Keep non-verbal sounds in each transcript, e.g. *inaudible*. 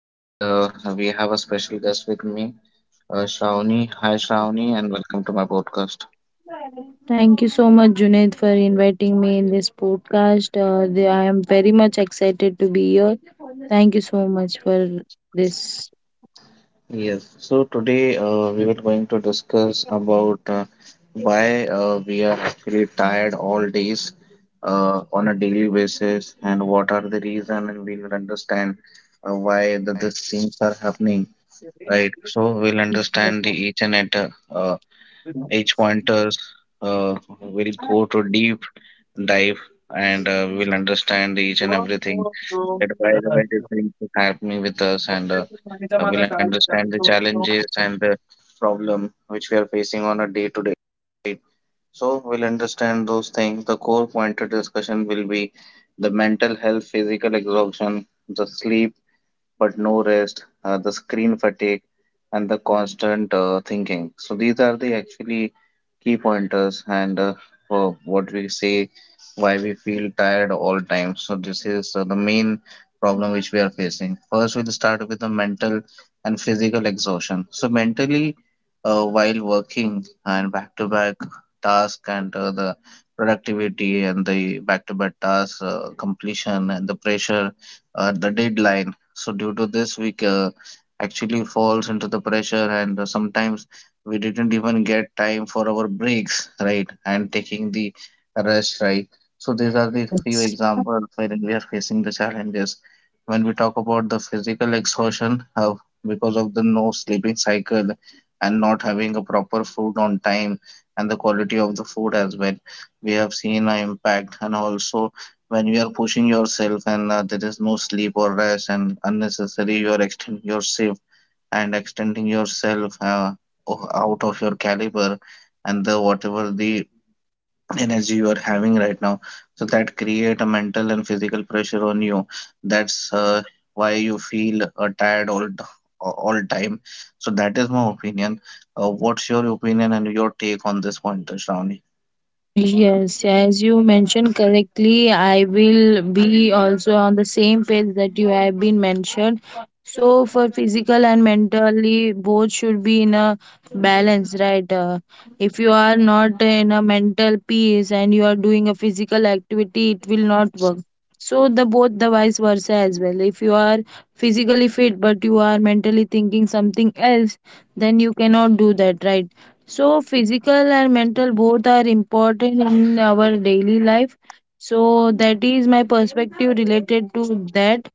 Today, we have a special guest with me, Shravani. Hi, Shravani, and welcome to my podcast. Thank you so much, Junaid, for inviting me in this podcast. I am very much excited to be here. Thank you so much for this. Yes, so today we were going to discuss about why we are actually tired all days on a daily basis, and what are the reason, and we will understand why these things are happening. Right. So we'll understand the each and at uh, each pointers. Uh, we'll go to deep dive, and we'll understand each and everything, that why the things is happening with us, and we'll understand the challenges and the problem which we are facing on a day to day. So we'll understand those things. The core pointed discussion will be the mental health, physical exhaustion, the sleep but no rest, the screen fatigue, and the constant thinking. So these are the actually key pointers, and for what we say why we feel tired all time. So this is the main problem which we are facing. First, we'll start with the mental and physical exhaustion. So mentally, while working, and back to back task, and the productivity, and the back to back task completion, and the pressure, the deadline, so due to this, we actually falls into the pressure, and sometimes we didn't even get time for our breaks, right? And taking the rest, right? So these are the few Yes. examples wherein we are facing the challenges. When we talk about the physical exhaustion, because of the no sleeping cycle, and not having a proper food on time, and the quality of the food as well, we have seen an impact, and also when you are pushing yourself, and there is no sleep or rest, and unnecessary you are extending your shift and extending yourself out of your caliber, and the whatever the energy you are having right now, so that create a mental and physical pressure on you. That's why you feel tired all time. So that is my opinion. What's your opinion and your take on this point, Shravani? Yes, as you mentioned correctly, I will be also on the same page that you have been mentioned. So, for physical and mentally, both should be in a balance, right? If you are not in a mental peace and you are doing a physical activity, it will not work, so the both the vice versa as well. If you are physically fit but you are mentally thinking something else, then you cannot do that, right? So physical and mental both are important in our daily life. So that is my perspective related to that,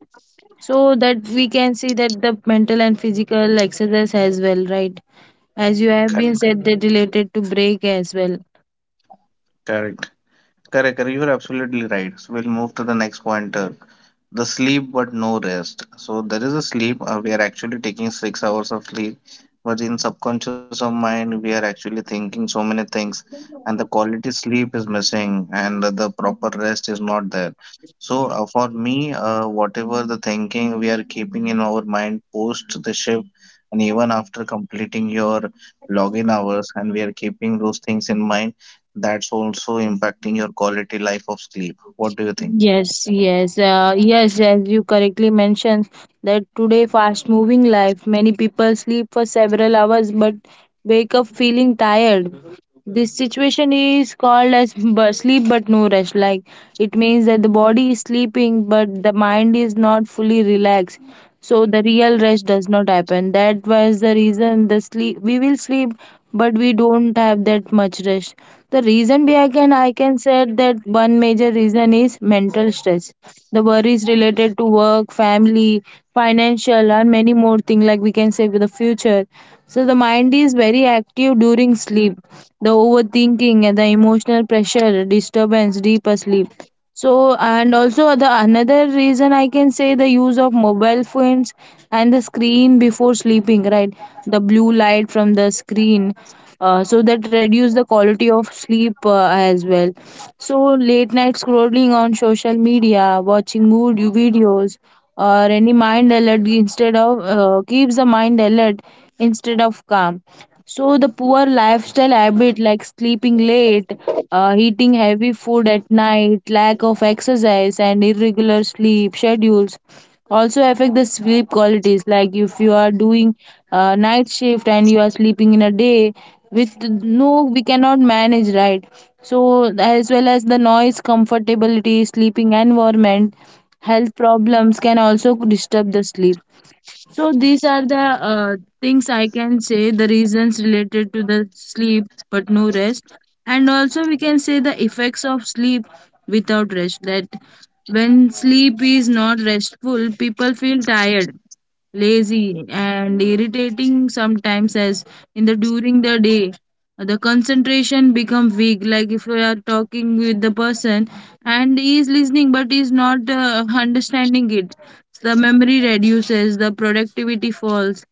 so that we can see that the mental and physical exercise as well, right? As you have been Correct, said, that related to break as well. correct, correct. You are absolutely right. So we'll move to the next point, the sleep but no rest. So there is a sleep. We are actually taking 6 hours of sleep, but in subconscious of mind, we are actually thinking so many things, and the quality sleep is missing, and the proper rest is not there. So for me, whatever the thinking we are keeping in our mind post the shift, and even after completing your login hours, and we are keeping those things in mind, that's also impacting your quality life of sleep. What do you think? Yes, as you correctly mentioned, that today fast moving life, many people sleep for several hours but wake up feeling tired. This situation is called as sleep but no rest. Like, it means that the body is sleeping but the mind is not fully relaxed, so the real rest does not happen. That was the reason, the sleep, we will sleep but we don't have that much rest. The reason behind, can I can say that one major reason is mental stress, the worries related to work, family, financial, and many more things, like we can say, with the future. So the mind is very active during sleep. The overthinking and the emotional pressure disturbance deep sleep. So, and also the another reason I can say, the use of mobile phones and the screen before sleeping, right? The blue light from the screen, so that reduce the quality of sleep as well. So, late night scrolling on social media, watching mood videos, or any mind alert, instead of keeps the mind alert instead of calm. So the poor lifestyle habit, like sleeping late, eating heavy food at night, lack of exercise, and irregular sleep schedules also affect the sleep qualities. Like if you are doing night shift and you are sleeping in a day, with no, we cannot manage, right. So as well as the noise, comfortability, sleeping environment, health problems can also disturb the sleep. So these are the things I can say, the reasons related to the sleep but no rest. And also we can say the effects of sleep without rest. That, when sleep is not restful, people feel tired, lazy, and irritating sometimes as in the during the day. The concentration become weak, like if we are talking with the person and he is listening but is not understanding it. The memory reduces, the productivity falls,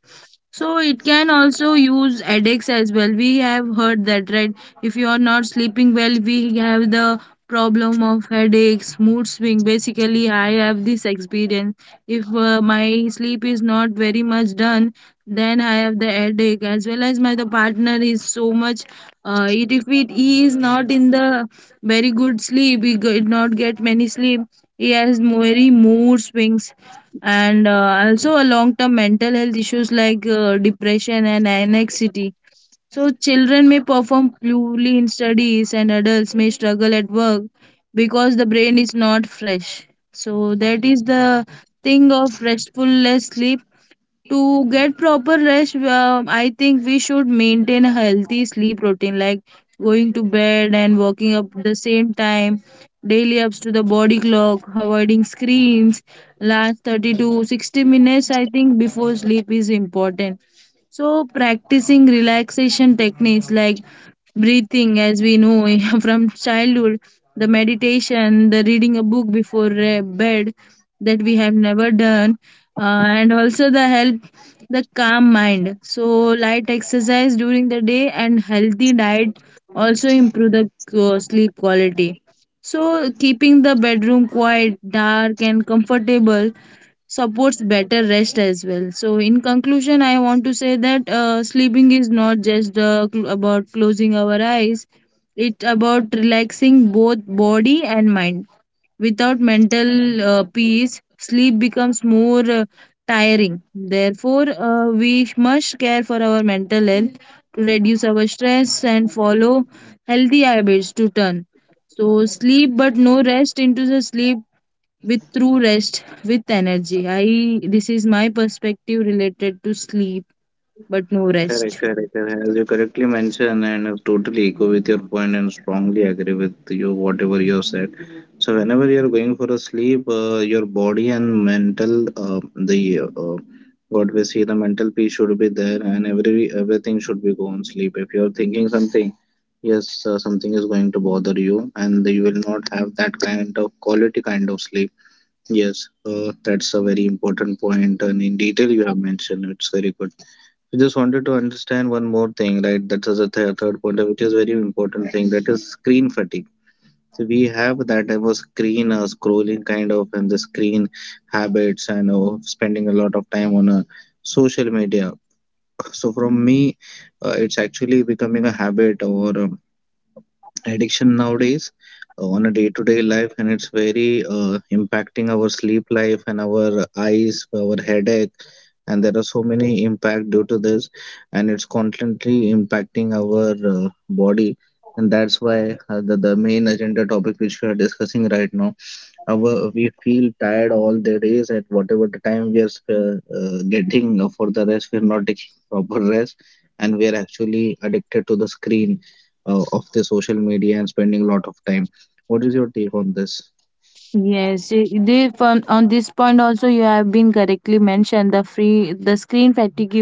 so it can also use headaches as well. We have heard that, right? If you are not sleeping well, we have the problem of headaches, mood swing. Basically, I have this experience. If my sleep is not very much done, then I have the headache as well as my the partner is so much. It, if it, he is not in the very good sleep, he did not get many sleep. He has very mood swings, and also a long term mental health issues like depression and anxiety. So children may perform poorly in studies and adults may struggle at work because the brain is not fresh. So that is the thing of restfulness sleep. To get proper rest, I think we should maintain a healthy sleep routine, like going to bed and waking up the same time daily ups to the body clock, avoiding screens last 30 to 60 minutes I think before sleep is important. So practicing relaxation techniques like breathing, as we know, *laughs* from childhood, the meditation, the reading a book before bed, that we have never done, and also the help the calm mind. So light exercise during the day and healthy diet also improve the sleep quality. So keeping the bedroom quiet, dark, and comfortable supports better rest as well. So, in conclusion, I want to say that sleeping is not just about closing our eyes, it's about relaxing both body and mind. Without mental peace, sleep becomes more tiring. Therefore, we must care for our mental health to reduce our stress and follow healthy habits to turn. So, sleep but no rest into the sleep with true rest, with energy. I this is my perspective related to sleep, but no Correct, rest. correct, correct. As you correctly mentioned, and I totally echo with your point and strongly agree with you, whatever you have said. So, whenever you're going for a sleep, your body and mental, the what we see, the mental peace should be there, and everything should be gone sleep. If you're thinking something, yes, something is going to bother you, and you will not have that kind of quality kind of sleep. Yes, that's a very important point, and in detail you have mentioned, it's very good. I just wanted to understand one more thing, right? That is the third point, which is very important thing. That is screen fatigue. So we have that type of screen scrolling kind of, and the screen habits, and spending a lot of time on social media. So from me, it's actually becoming a habit or. Addiction nowadays on a day-to-day life, and it's very impacting our sleep life, and our eyes, our headache, and there are so many impact due to this, and it's constantly impacting our body, and that's why the main agenda topic which we are discussing right now, our, we feel tired all the days, and whatever the time we are getting for the rest, we are not taking *laughs* proper rest, and we are actually addicted to the screen of the social media, and spending a lot of time. What is your take on this? Yes, they from on this point also you have been correctly mentioned. The screen fatigue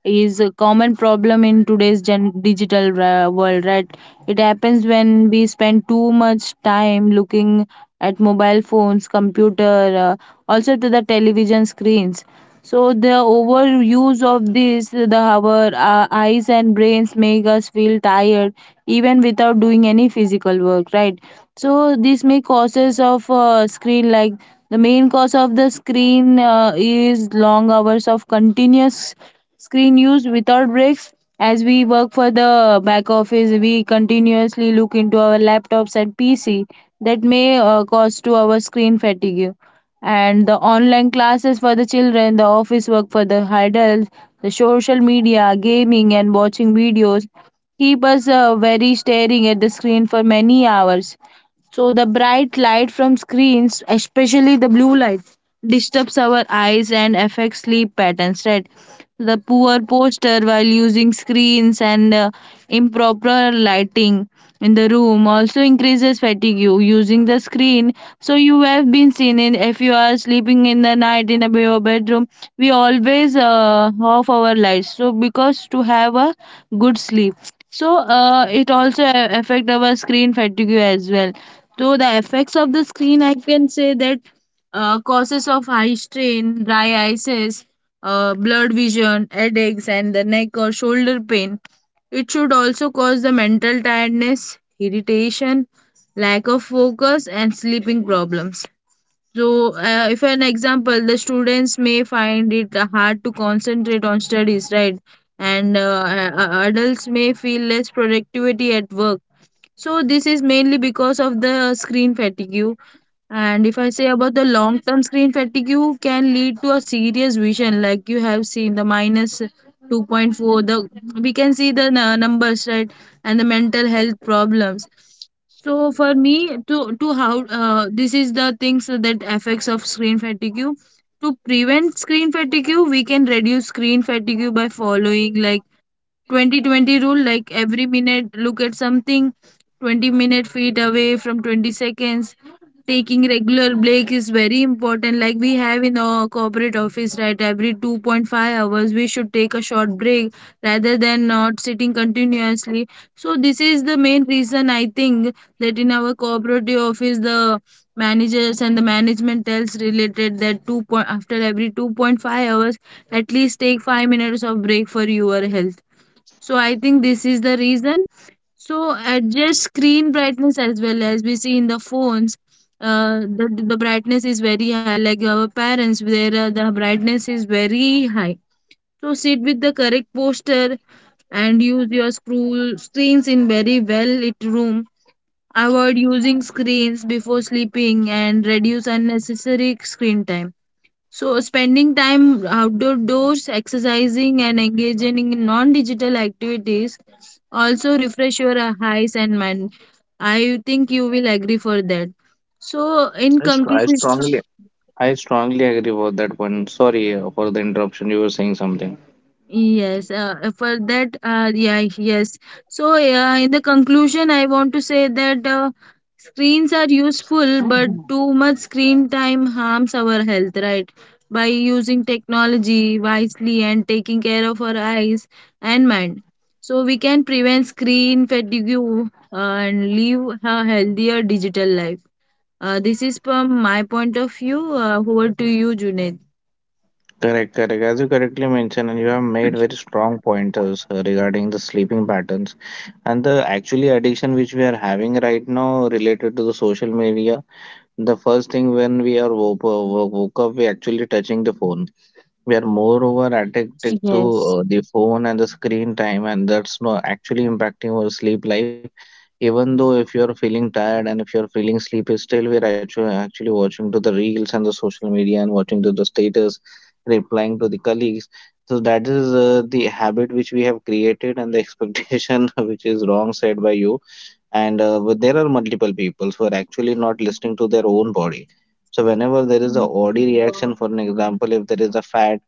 is a common problem in today's digital world, right? It happens when we spend too much time looking at mobile phones, computer, also to the television screens. So the overuse of this, the our eyes and brains make us feel tired even without doing any physical work, right? So this may causes of screen, like the main cause of the screen is long hours of continuous screen use without breaks. As we work for the back office, we continuously look into our laptops and PC. That may cause to our screen fatigue. And the online classes for the children, the office work for the adults, the social media, gaming, and watching videos keep us very staring at the screen for many hours. So the bright light from screens, especially the blue light, disturbs our eyes and affects sleep patterns, right? The poor posture while using screens and improper lighting in the room also increases fatigue you using the screen. So you have been seen in, if you are sleeping in the night in a your bedroom, we always off our lights. So because to have a good sleep. So it also affect our screen fatigue as well. So the effects of the screen, I can say that causes of eye strain, dry eyes, blurred vision, headaches, and the neck or shoulder pain. It should also cause the mental tiredness, irritation, lack of focus, and sleeping problems. So, if an example, the students may find it hard to concentrate on studies, right? And adults may feel less productivity at work. So this is mainly because of the screen fatigue. And if I say about the long-term screen fatigue, can lead to a serious vision, like you have seen the minus 2.4. The we can see the numbers, right, and the mental health problems. So for me, to how this is the things that affects of screen fatigue. To prevent screen fatigue, we can reduce screen fatigue by following like 2020 rule, like every minute look at something 20-minute feet away from 20 seconds. Taking regular break is very important, like we have in our corporate office, right, every 2.5 hours we should take a short break rather than not sitting continuously. So this is the main reason I think that in our cooperative office, the managers and the management tells related that two point after every 2.5 hours at least take 5 minutes of break for your health. So I think this is the reason. So adjust screen brightness as well, as we see in the phones. The brightness is very high, like our parents, where the brightness is very high. So sit with the correct posture and use your screw screens in very well lit room. Avoid using screens before sleeping and reduce unnecessary screen time. So, spending time outdoors, exercising, and engaging in non digital activities also refresh your eyes and mind. I think you will agree for that. So, in I str- I conclusion, strongly, I strongly agree with that one. Sorry for the interruption. You were saying something. Yes, for that, yeah, yes. So, in the conclusion, I want to say that screens are useful, but too much screen time harms our health, right? By using technology wisely and taking care of our eyes and mind. So, we can prevent screen fatigue and live a healthier digital life. This is from my point of view. Over to you, Junaid. Correct, correct. As you correctly mentioned, and you have made very strong pointers regarding the sleeping patterns and the actually addiction which we are having right now related to the social media. The first thing when we are woke up, we actually touching the phone. We are moreover addicted to Yes. The phone and the screen time, and that's not actually impacting our sleep life. Even though if you are feeling tired, and if you are feeling sleepy, still we are actually watching to the reels and the social media, and watching to the status, replying to the colleagues. So that is the habit which we have created, and the expectation *laughs* which is wrong said by you. And but there are multiple people who are actually not listening to their own body. So whenever there is a body reaction, for an example, if there is a fat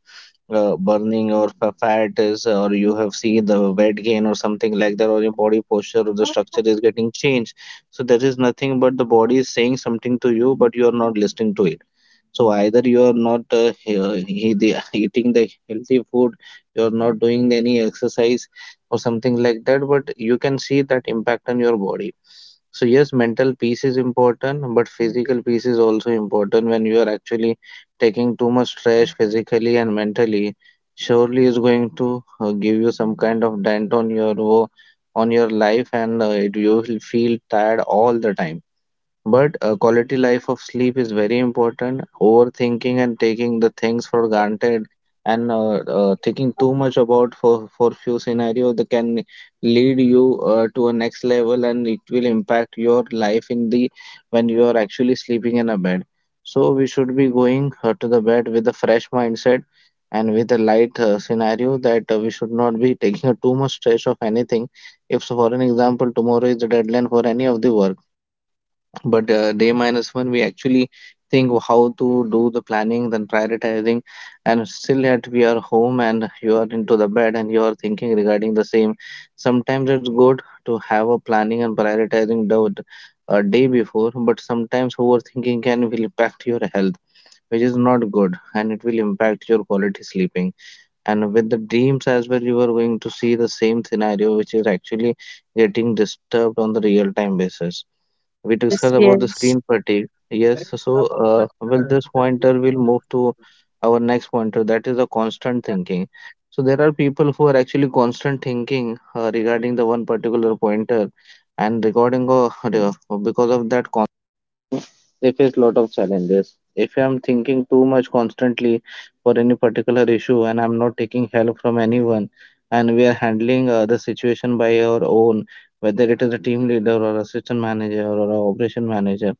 burning, or fat is or you have seen the weight gain or something like that, or your body posture or the structure is getting changed, so there is nothing but the body is saying something to you, but you are not listening to it. So either you are not he- the- *laughs* eating the healthy food, you are not doing any exercise or something like that, but you can see that impact on your body. So yes, mental peace is important, but physical peace is also important. When you are actually taking too much stress physically and mentally, surely is going to give you some kind of dent on your on your life, and you will feel tired all the time. But a quality life of sleep is very important. Overthinking and taking the things for granted, and thinking too much about for few scenario, that can lead you to a next level, and it will impact your life in the when you are actually sleeping in a bed. So we should be going to the bed with a fresh mindset, and with a light scenario, that we should not be taking a too much stress of anything. If so, for an example, tomorrow is the deadline for any of the work, but day minus one, we actually think how to do the planning, then prioritizing, and still yet we are home, and you are into the bed, and you are thinking regarding the same. Sometimes it's good to have a planning and prioritizing doubt a day before, but sometimes overthinking can will impact your health, which is not good, and it will impact your quality sleeping. And with the dreams as well, you are going to see the same scenario, which is actually getting disturbed on the real time basis. We Yes, discussed about the yes, screen fatigue. Yes, so well, this pointer will move to our next pointer. That is the constant thinking. So there are people who are actually constant thinking regarding the one particular pointer, and regarding because of that they face lot of challenges. If I'm thinking too much constantly for any particular issue, and I'm not taking help from anyone, and we are handling the situation by our own, whether it is a team leader, or assistant manager, or a operation manager,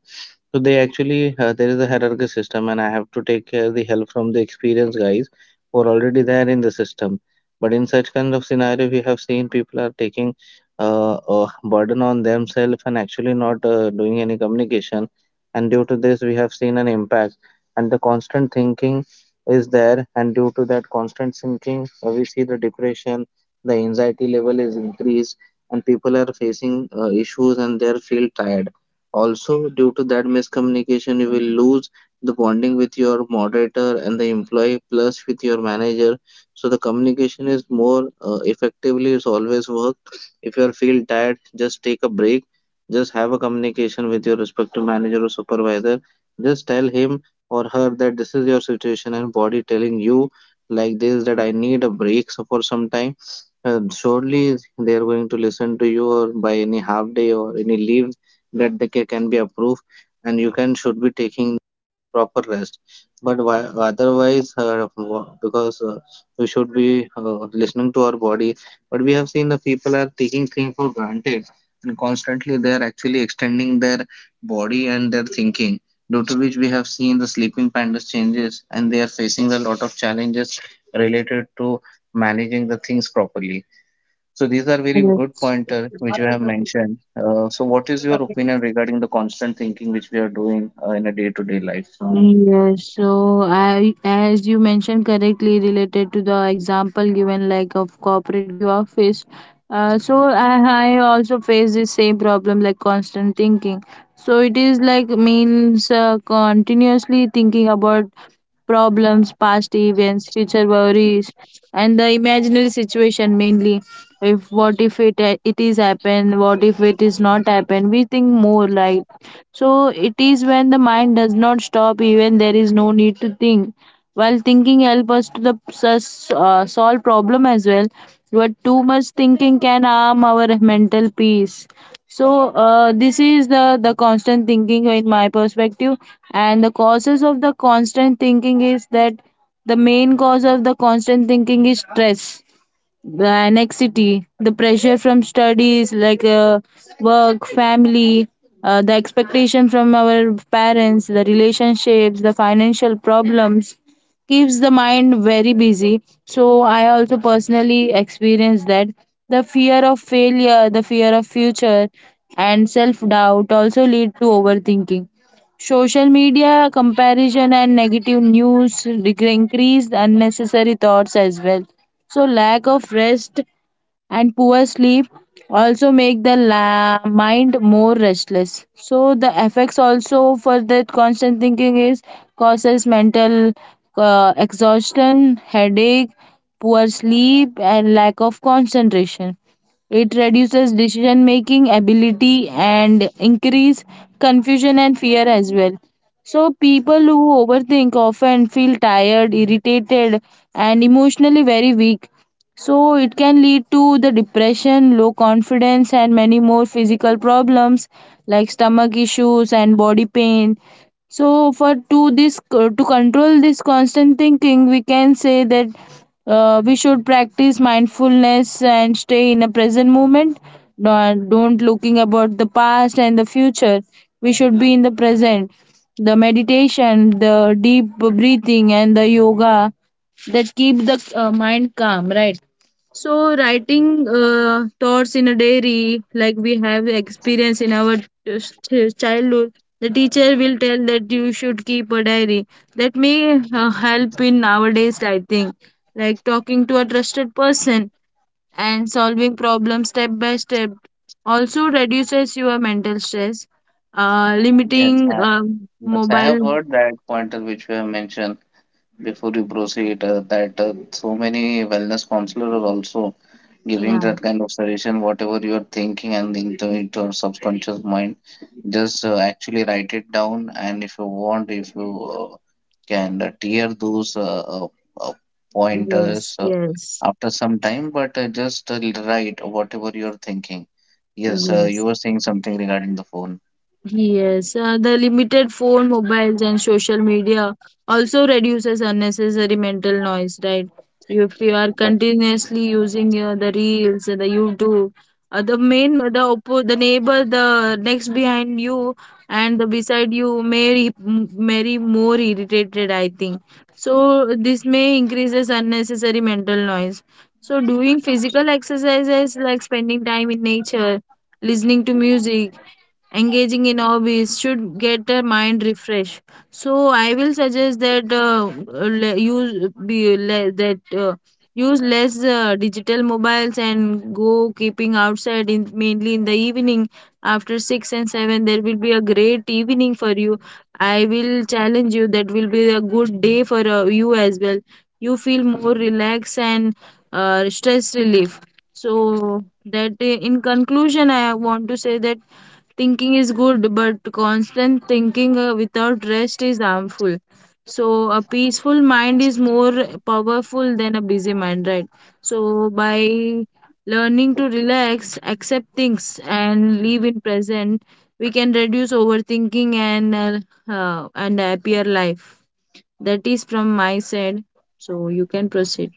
so they actually there is a hierarchy system, and I have to take care the help from the experienced guys who are already there in the system. But in such kind of scenario, we have seen people are taking a burden on themselves, and actually not doing any communication. And due to this, we have seen an impact. And the constant thinking is there, and due to that constant thinking, we see the depression, the anxiety level is increased, and people are facing issues, and they feel tired. Also, due to that miscommunication, you will lose the bonding with your moderator and the employee, plus with your manager. So the communication is more effectively is always worked. If you are feel tired, just take a break. Just have a communication with your respective manager or supervisor. Just tell him or her that this is your situation, and body telling you like this, that I need a break so for some time. Surely they are going to listen to you or by any half day or any leave that can be approved and you can should be taking proper rest but why, otherwise wha- because we should be listening to our body, but we have seen the people are taking things for granted and constantly they are actually extending their body and their thinking, due to which we have seen the sleeping patterns changes and they are facing a lot of challenges related to managing the things properly. So these are very good yes, pointer which you have mentioned. So what is your opinion regarding the constant thinking which we are doing in a day-to-day life? As you mentioned correctly, related to the example given, like of cooperative office. So I also face the same problem, like constant thinking. So it is like means continuously thinking about problems, past events, future worries, and the imaginary situation mainly if what if it is happen, what if it is not happen, we think more. Like, so it is when the mind does not stop even there is no need to think. While thinking help us to solve problem as well, but too much thinking can harm our mental peace. So this is the constant thinking in my perspective. And the causes of the constant thinking is that the main cause of the constant thinking is stress, the anxiety, the pressure from studies like work, family, the expectation from our parents, the relationships, the financial problems keeps the mind very busy. So I also personally experienced that the fear of failure, the fear of future, and self doubt also lead to overthinking. Social media comparison and increased unnecessary thoughts as well. So lack of rest and poor sleep also make mind more restless. So the effects also for that constant thinking is causes mental exhaustion, headache, poor sleep, and lack of concentration. It reduces decision making ability and increase confusion and fear as well. So people who overthink often feel tired, irritated, and emotionally very weak. So it can lead to the depression, low confidence, and many more physical problems like stomach issues and body pain. So for to this to control this constant thinking, we can say that we should practice mindfulness and stay in a present moment. Not, don't looking about the past and the future. We should be in the present. The meditation, the deep breathing, and the yoga, that keep the mind calm, right? So writing thoughts in a diary, like we have experience in our childhood, the teacher will tell that you should keep a diary. That may help in nowadays, I think. Like talking to a trusted person and solving problems step by step. Also reduces your mental stress, Yes, limiting yes, I have mobile. heard that pointer which you have mentioned before you proceed, that so many wellness counselors are also giving Yeah. that kind of suggestion, whatever you're thinking and in into your subconscious mind, just actually write it down. And if you want, if you uh, can tear those uh, Yes. pointers Yes. after some time, but just write whatever you're thinking. Yes, Yes. you were saying something regarding the phone. Yes, the limited phone, mobiles, and social media also reduces unnecessary mental noise, right? If you are Correct, continuously using the reels, the YouTube, the main, the oppo, the neighbor, the next behind you, and the beside you may may more irritated, I think. So this may increases unnecessary mental noise. So doing physical exercises like spending time in nature, listening to music, engaging in hobbies should get a mind refresh. So I will suggest that use be le- that use less digital mobiles and go keeping outside, in mainly in the evening after 6 and 7. There will be a great evening for you. I will challenge you that will be a good day for you as well. You feel more relaxed and stress relief. So that in conclusion, I want to say that thinking is good, but constant thinking without rest is harmful. So a peaceful mind is more powerful than a busy mind, right? So by learning to relax, accept things, and live in present, we can reduce overthinking and a happier life. That is from my side. So you can proceed.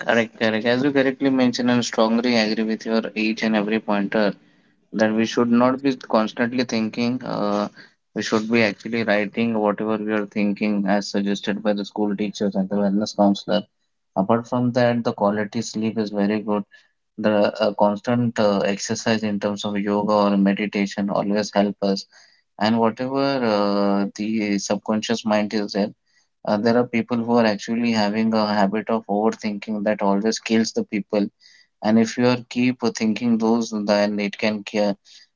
correct. Correct. As you correctly mentioned, and strongly agree with your each and every pointer that we should not be constantly thinking. We should be actually writing whatever we are thinking as suggested by the school teachers and the wellness counselor. Apart from that, the quality sleep is very good. The constant exercise in terms of yoga or meditation always help us. And whatever the subconscious mind is there, there are people who are actually having a habit of overthinking that always kills the people. And if you are keep thinking those, then it can ca-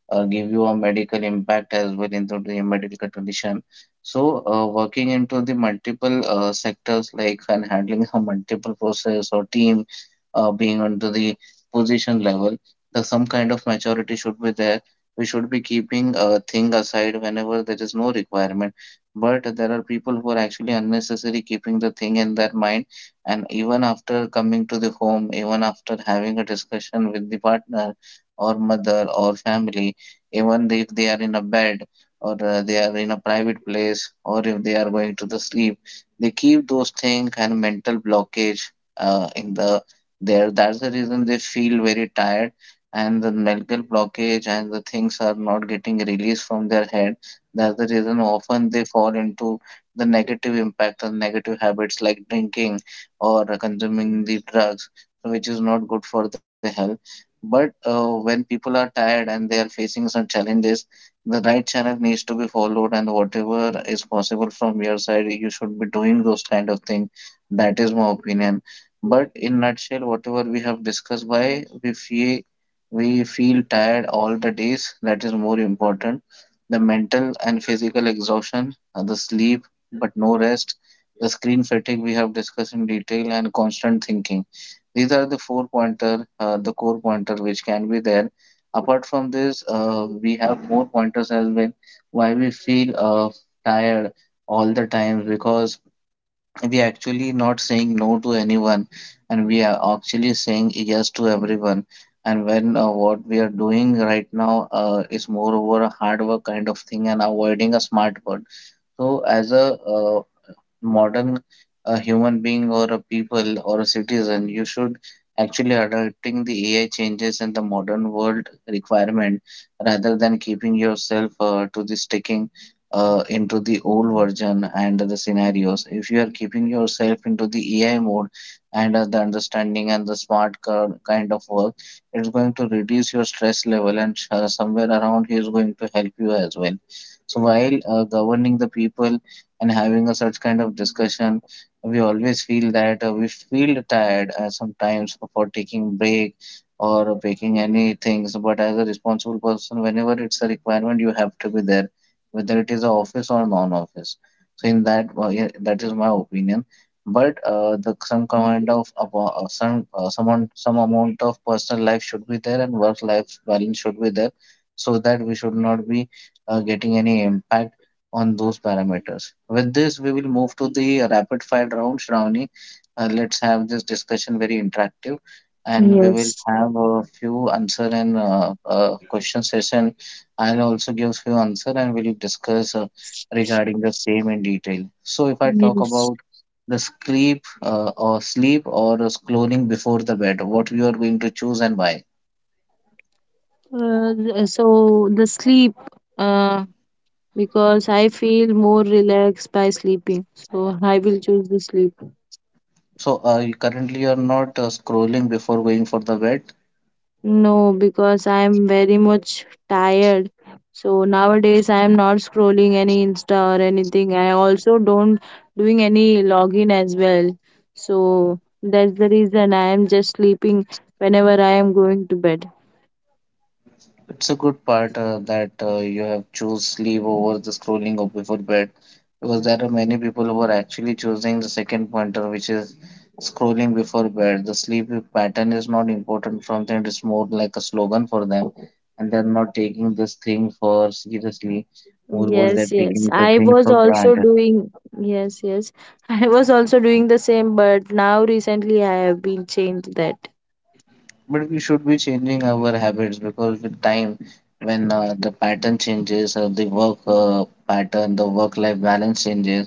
uh, give you a medical impact as well into the medical condition. So working into the multiple sectors like and handling *laughs* a multiple process or team, being onto the position level, the some kind of maturity should be there. We should be keeping a thing aside whenever there is no requirement, but there are people who are actually unnecessary keeping the thing in their mind, and even after coming to the home, even after having a discussion with the partner or mother or family, even if they are in a bed, or they are in a private place, or if they are going to the sleep, they keep those things and mental blockage in the there That's the reason they feel very tired, and the mental blockage and the things are not getting released from their head. That's the reason often they fall into the negative impact and negative habits like drinking or consuming the drugs, so which is not good for the health. But when people are tired and they are facing some challenges, the right channel needs to be followed, and whatever is possible from your side you should be doing those kind of things. That is my opinion. But in nutshell, whatever we have discussed, why we feel, we feel tired all the days, that is more important. The mental and physical exhaustion, the sleep but no rest, the screen fatigue, we have discussed in detail, and constant thinking. These are the four pointer, the core pointer which can be there. Apart from this, we have more pointers as well why we feel tired all the time, because we actually not saying no to anyone and we are actually saying yes to everyone. And when what we are doing right now is moreover a hard work kind of thing and avoiding a smart word. So as a modern human being or a people or a citizen, you should actually adapting the AI changes and the modern world requirement, rather than keeping yourself to the sticking into the old version and the scenarios. If you are keeping yourself into the AI mode and the understanding and the kind of work, it's going to reduce your stress level and somewhere around here is going to help you as well. So while governing the people and having a such kind of discussion, we always feel that we feel tired sometimes for taking break or taking any things, but as a responsible person, whenever it's a requirement, you have to be there, whether it is a office or non-office. So in that yeah, that is my opinion. But the some kind of abo- some someone some amount of personal life should be there and work life balance should be there, so that we should not be getting any impact on those parameters. With this, we will move to the rapid fire round, Shravani. Let's have this discussion very interactive, and we will Yes, have a few answer and question session. I'll also give few answer, and we'll discuss regarding the same in detail. So, if I talk yes. about the sleep, or the scrolling before the bed, what you are going to choose and why? So the sleep. Uh, because I feel more relaxed by sleeping. So I will choose the sleep. So, you currently, you are not scrolling before going for the bed? No, because I am very much tired. So nowadays I am not scrolling any Insta or anything. I also don't doing any login as well. So that's the reason I am just sleeping whenever I am going to bed. It's a good part that you have choose sleep over the scrolling of before bed, because there are many people who are actually choosing the second pointer, which is scrolling before bed. The sleep pattern is not important from them, it's more like a slogan for them, and they're not taking this thing for seriously, more what Yes, they're yes. taking the I thing was for also granted. doing, yes, yes. *laughs* I was also doing the same, but now recently I have been changed that. But we should be changing our habits, because with time, when the pattern changes, the work pattern, the work life balance changes,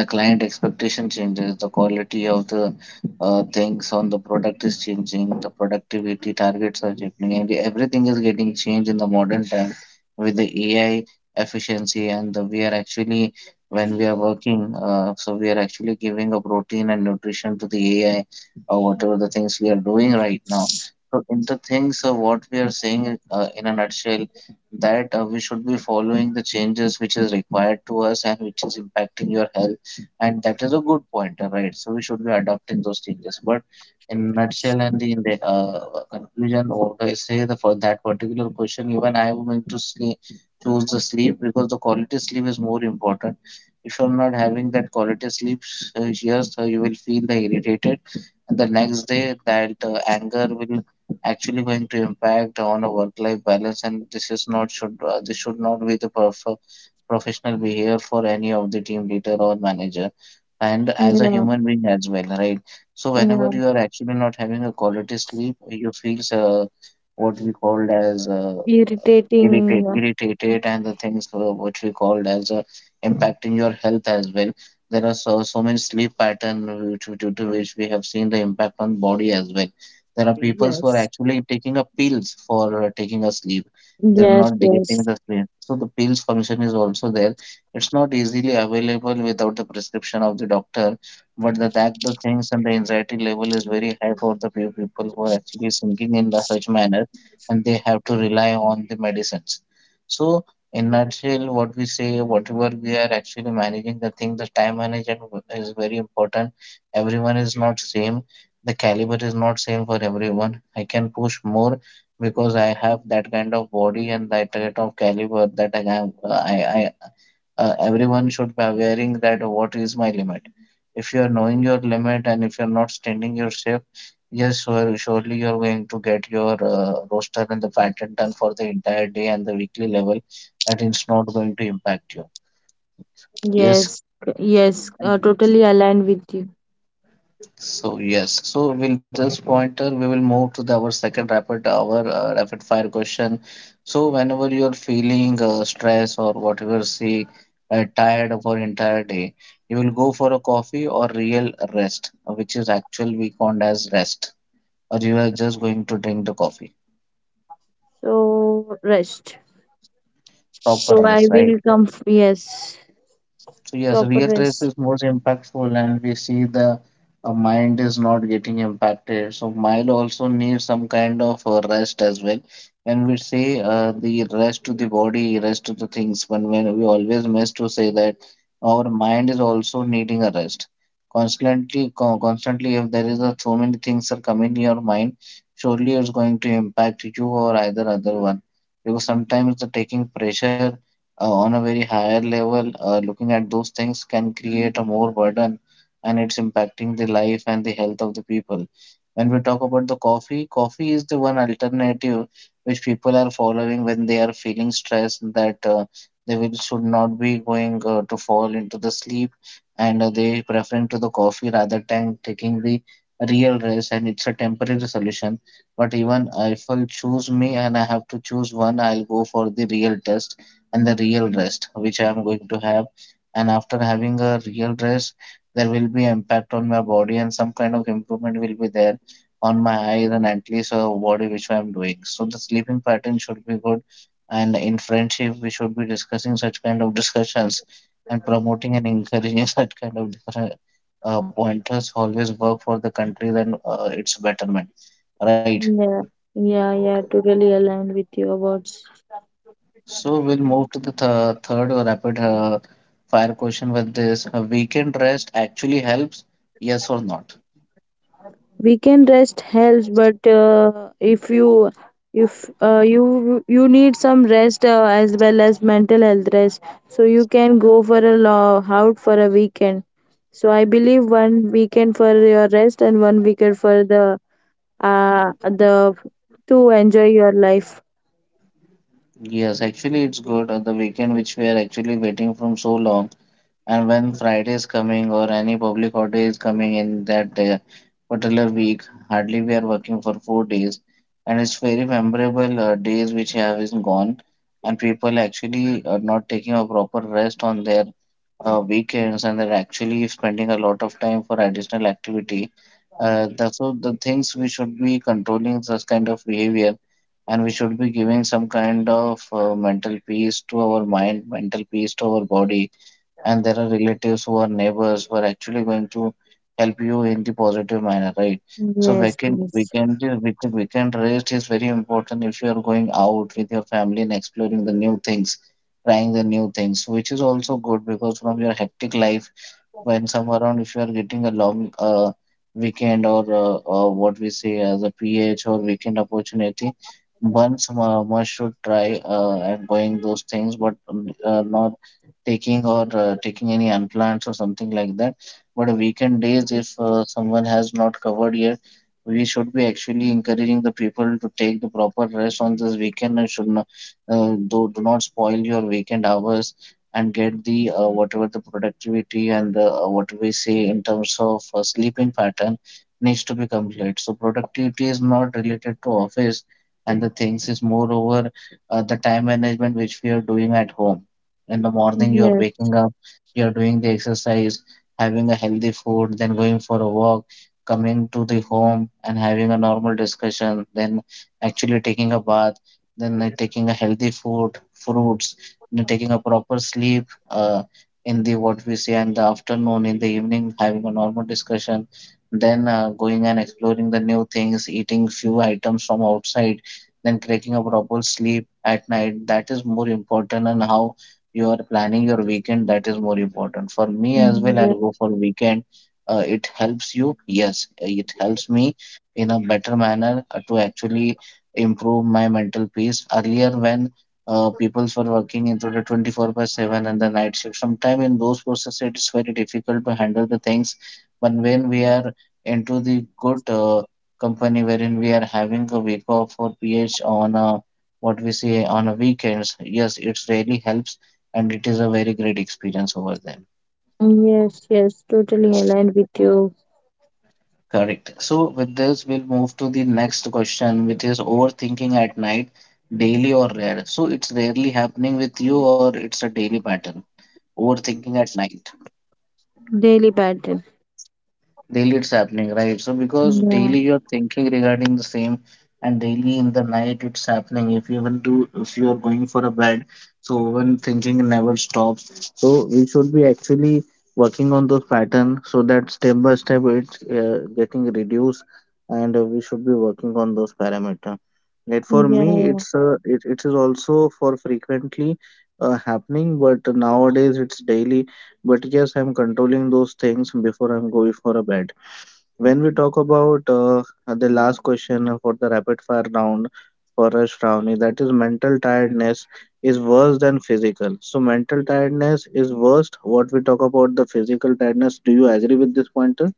the client expectation changes, the quality of the things on the product is changing, the productivity targets are changing, and everything is getting changed in the modern time with the ai efficiency. And the, we are actually when we are working, so we are actually giving a protein and nutrition to the ai or whatever the things we are doing right now. So in the things, what we are saying, in a nutshell, that we should be following the changes which is required to us and which is impacting your health, and that is a good point, right? So we should be adopting those changes. But in nutshell and the, in the conclusion, what I say the, for that particular question, even I am going to sleep, choose the sleep, because the quality sleep is more important. If you're not having that quality sleep, yes, you will feel the irritated, and the next day that anger will actually going to impact on a work-life balance, and this should not be the professional behavior for any of the team leader or manager, and as a Yeah. human being as well, right? So whenever Yeah, you are actually not having a quality sleep, you feel, what we called as, irritating. irritate, irritated, and the things which we called as impacting your health as well. There are so many sleep pattern which, due to which we have seen the impact on body as well. There are people who are Yes. actually taking up pills for taking a sleep. They're Yes, not getting the sleep. So the pills function is also there. It's not easily available without the prescription of the doctor. But the that the things and the anxiety level is very high for the few people who are actually sinking in the such manner, and they have to rely on the medicines. So in nutshell, what we say, whatever we are actually managing the thing, the time management is very important. Everyone is not same, the caliber is not same for everyone. I can push more because I have that kind of body and that kind of caliber that I have. I everyone should be aware that what is my limit. If you are knowing your limit and if you are not standing your shape, yes, surely you are going to get your roster and the pattern done for the entire day and the weekly level, and it's not going to impact you. Yes, yes. Totally aligned with you. so yes, so we'll just pointer. We will move to our second rapid fire question. So whenever you are feeling stress or whatever, see, tired for entire day, you will go for a coffee or real rest, which is actual we called as rest, or you are just going to drink the coffee, So rest. proper So I rest, right? will come. Yes, So yes, proper real race rest. is most impactful, and we see the mind is not getting impacted. So mind also needs some kind of rest as well. When we say the rest to the body, rest to the things, when we always miss to say that our mind is also needing a rest. Constantly, constantly, if there is a, so many things are coming in your mind, surely it's going to impact you or either other one. Because sometimes the taking pressure on a very higher level, looking at those things can create a more burden and it's impacting the life and the health of the people. When we talk about the coffee, coffee is the one alternative which people are following when they are feeling stressed that they will should not be going to fall into the sleep and they preferring to the coffee rather than taking the real rest, and it's a temporary solution. But even if I'll choose me and I have to choose one, I'll go for the real test and the real rest which I am going to have. And after having a real rest, there will be impact on my body and some kind of improvement will be there on my eyes and at least a body which I am doing. So the sleeping pattern should be good. And in friendship, we should be discussing such kind of discussions and promoting and encouraging *laughs* such kind of different pointers always work for the country and its betterment. Right. Yeah, yeah, yeah. Totally aligned with you about. So we'll move to the th third rapid fire question with this. A weekend rest actually helps, yes or not? Weekend rest helps, but if you, if you need some rest as well as mental health rest, so you can go for out for a weekend. So I believe one weekend for your rest and one weekend for the uh the to enjoy your life. Yes, actually it's good. The weekend which we are actually waiting from so long, and when Friday is coming or any public holiday is coming in that particular week, hardly we are working for 4 days, and it's very memorable days which have is gone, and people actually are not taking a proper rest on their weekends, and they're actually spending a lot of time for additional activity. So the things we should be controlling such kind of behavior, and we should be giving some kind of mental peace to our mind, mental peace to our body, and there are relatives who are neighbors who are actually going to help you in the positive manner, right? So Yes, weekend yes, weekend with the weekend rest is very important if you are going out with your family and exploring the new things, trying the new things, which is also good because from your hectic life when somewhere around if you are getting a long weekend or what we say as a ph or weekend opportunity once one should try and going those things but not taking or taking any unplanned or something like that, but weekend days if someone has not covered yet, we should be actually encouraging the people to take the proper rest on this weekend and should not do not spoil your weekend hours and get the whatever the productivity and the, what we say in terms of sleeping pattern needs to be complete. So productivity is not related to office and the things is moreover the time management which we are doing at home. In the morning you are yes, waking up, you are doing the exercise, having a healthy food, then going for a walk, coming to the home and having a normal discussion, then actually taking a bath, then taking a healthy food, fruits, you know, taking a proper sleep in the what we say in the afternoon, in the evening, having a normal discussion, then going and exploring the new things, eating few items from outside, then cracking a proper sleep at night. That is more important, and how you are planning your weekend. That is more important for me as well. I'll yes, go for weekend. It helps you, yes, it helps me in a better manner to actually improve my mental peace. Earlier, when people for working into the 24 by 7 and the night shift. Sometimes in those processes, it is very difficult to handle the things. But when we are into the good company wherein we are having a week off or PH on a, what we say on a weekends, yes, it really helps and it is a very great experience over there. yes, yes. Totally aligned with you. Correct. So with this, we'll move to the next question, which is overthinking at night, daily or rare. So it's rarely happening with you or it's a daily pattern. Overthinking at night. Daily pattern. Daily it's happening, right? So because Yeah, daily you're thinking regarding the same and daily in the night it's happening. If you even do if you are going for a bed, so when thinking never stops. So we should be actually working on those pattern so that step by step it's getting reduced and we should be working on those parameter. Yet yeah, for me yeah. It is also for frequently happening but nowadays it's daily. But yes, I'm controlling those things before I'm going for a bed. When we talk about the last question for the rapid fire round for us, Shravani, that is mental tiredness is worse than physical. So mental tiredness is worst. What we talk about the physical tiredness. Do you agree with this pointer?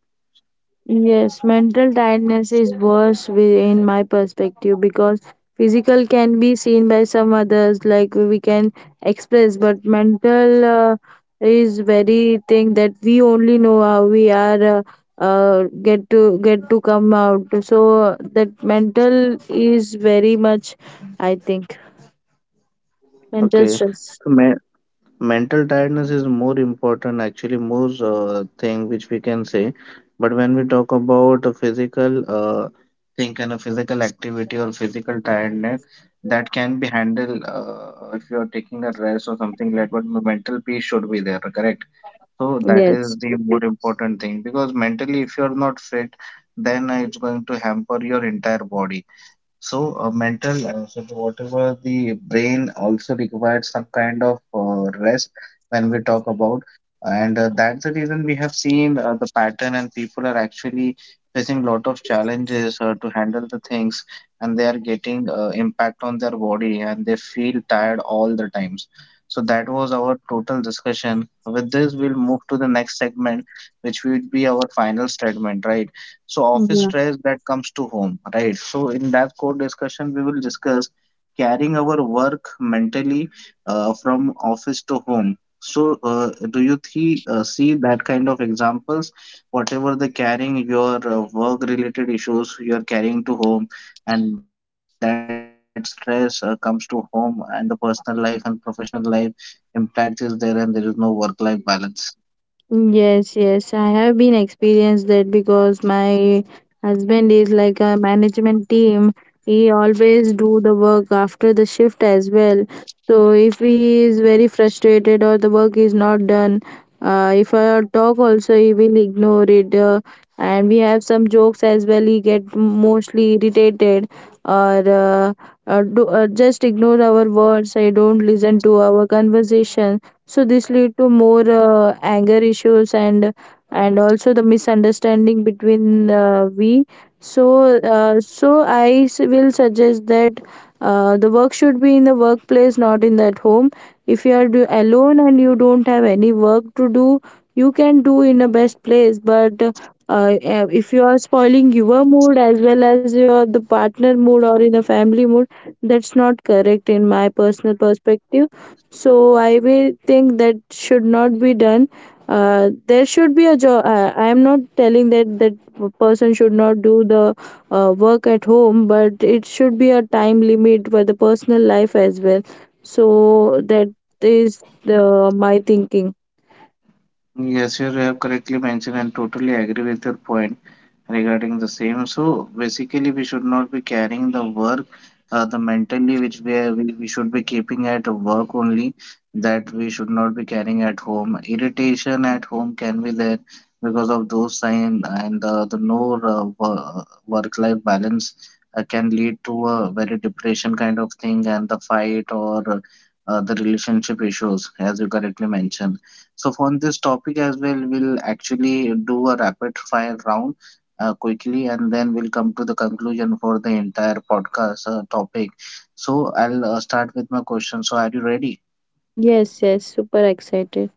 Yes, mental tiredness is worse in my perspective, because physical can be seen by some others, like we can express, but mental is very thing that we only know how we are get to come out. So that mental is very much, I think, mental Okay. stress. So, ma mental tiredness is more important actually more thing which we can say, but when we talk about a physical thing and a physical activity or physical tiredness, that can be handled if you are taking a rest or something like that, but mental peace should be there, correct, so that is Yes. the more important thing because mentally if you are not fit, then it's going to hamper your entire body. So, whatever the brain also requires some kind of rest when we talk about, and that's the reason we have seen the pattern, and people are actually facing lot of challenges to handle the things, and they are getting impact on their body, and they feel tired all the times. So that was our total discussion. With this, we'll move to the next segment, which will be our final statement, right? So office Yeah. stress that comes to home, right? So in that core discussion, we will discuss carrying our work mentally from office to home. So do you see that kind of examples? Whatever the carrying your work-related issues you are carrying to home, and that stress comes to home, and the personal life and professional life impact is there, and there is no work-life balance. Yes, yes, I have been experienced that because my husband is like a management team. He always do the work after the shift as well. So if he is very frustrated or the work is not done, if I talk also he will ignore it. And we have some jokes as well. He get mostly irritated or just ignore our words. I don't listen to our conversation, so this lead to more anger issues and also the misunderstanding between we. So so will suggest that the work should be in the workplace, not in that home. If you are alone and you don't have any work to do, you can do in a best place. But if you are spoiling your mood as well as your the partner mood or in a family mood, that's not correct in my personal perspective. So I will think that should not be done. There should be a job. I am not telling that person should not do the work at home, but it should be a time limit for the personal life as well. So that is the my thinking. Yes, you have correctly mentioned, and totally agree with your point regarding the same. So basically, we should not be carrying the work, the mentally which we, are, we should be keeping at work only. That we should not be carrying at home. Irritation at home can be there because of those sign and the no work-life balance can lead to a very depression kind of thing and the fight or the relationship issues as you correctly mentioned. So, on this topic as well, we'll actually do a rapid fire round quickly and then we'll come to the conclusion for the entire podcast topic. So I'll start with my question. So are you ready? Yes, yes, super excited.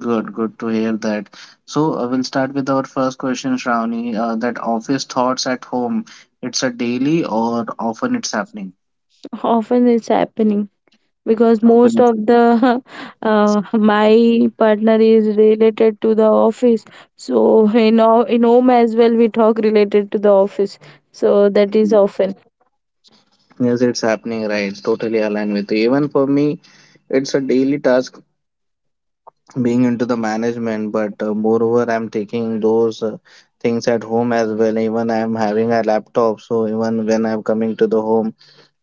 Good, good to hear that. So we'll start with our first question, Shravani. That office thoughts at home, it's a daily or often it's happening? Often it's happening because Often most it's of the *laughs* my partner is related to the office. So in, in home as well we talk related to the office. So that is happening. often. Yes, it's happening, right? Totally aligned with you. Even for me, it's a daily task being into the management, but moreover I'm taking those things at home as well. Even I'm having a laptop, so even when I'm coming to the home,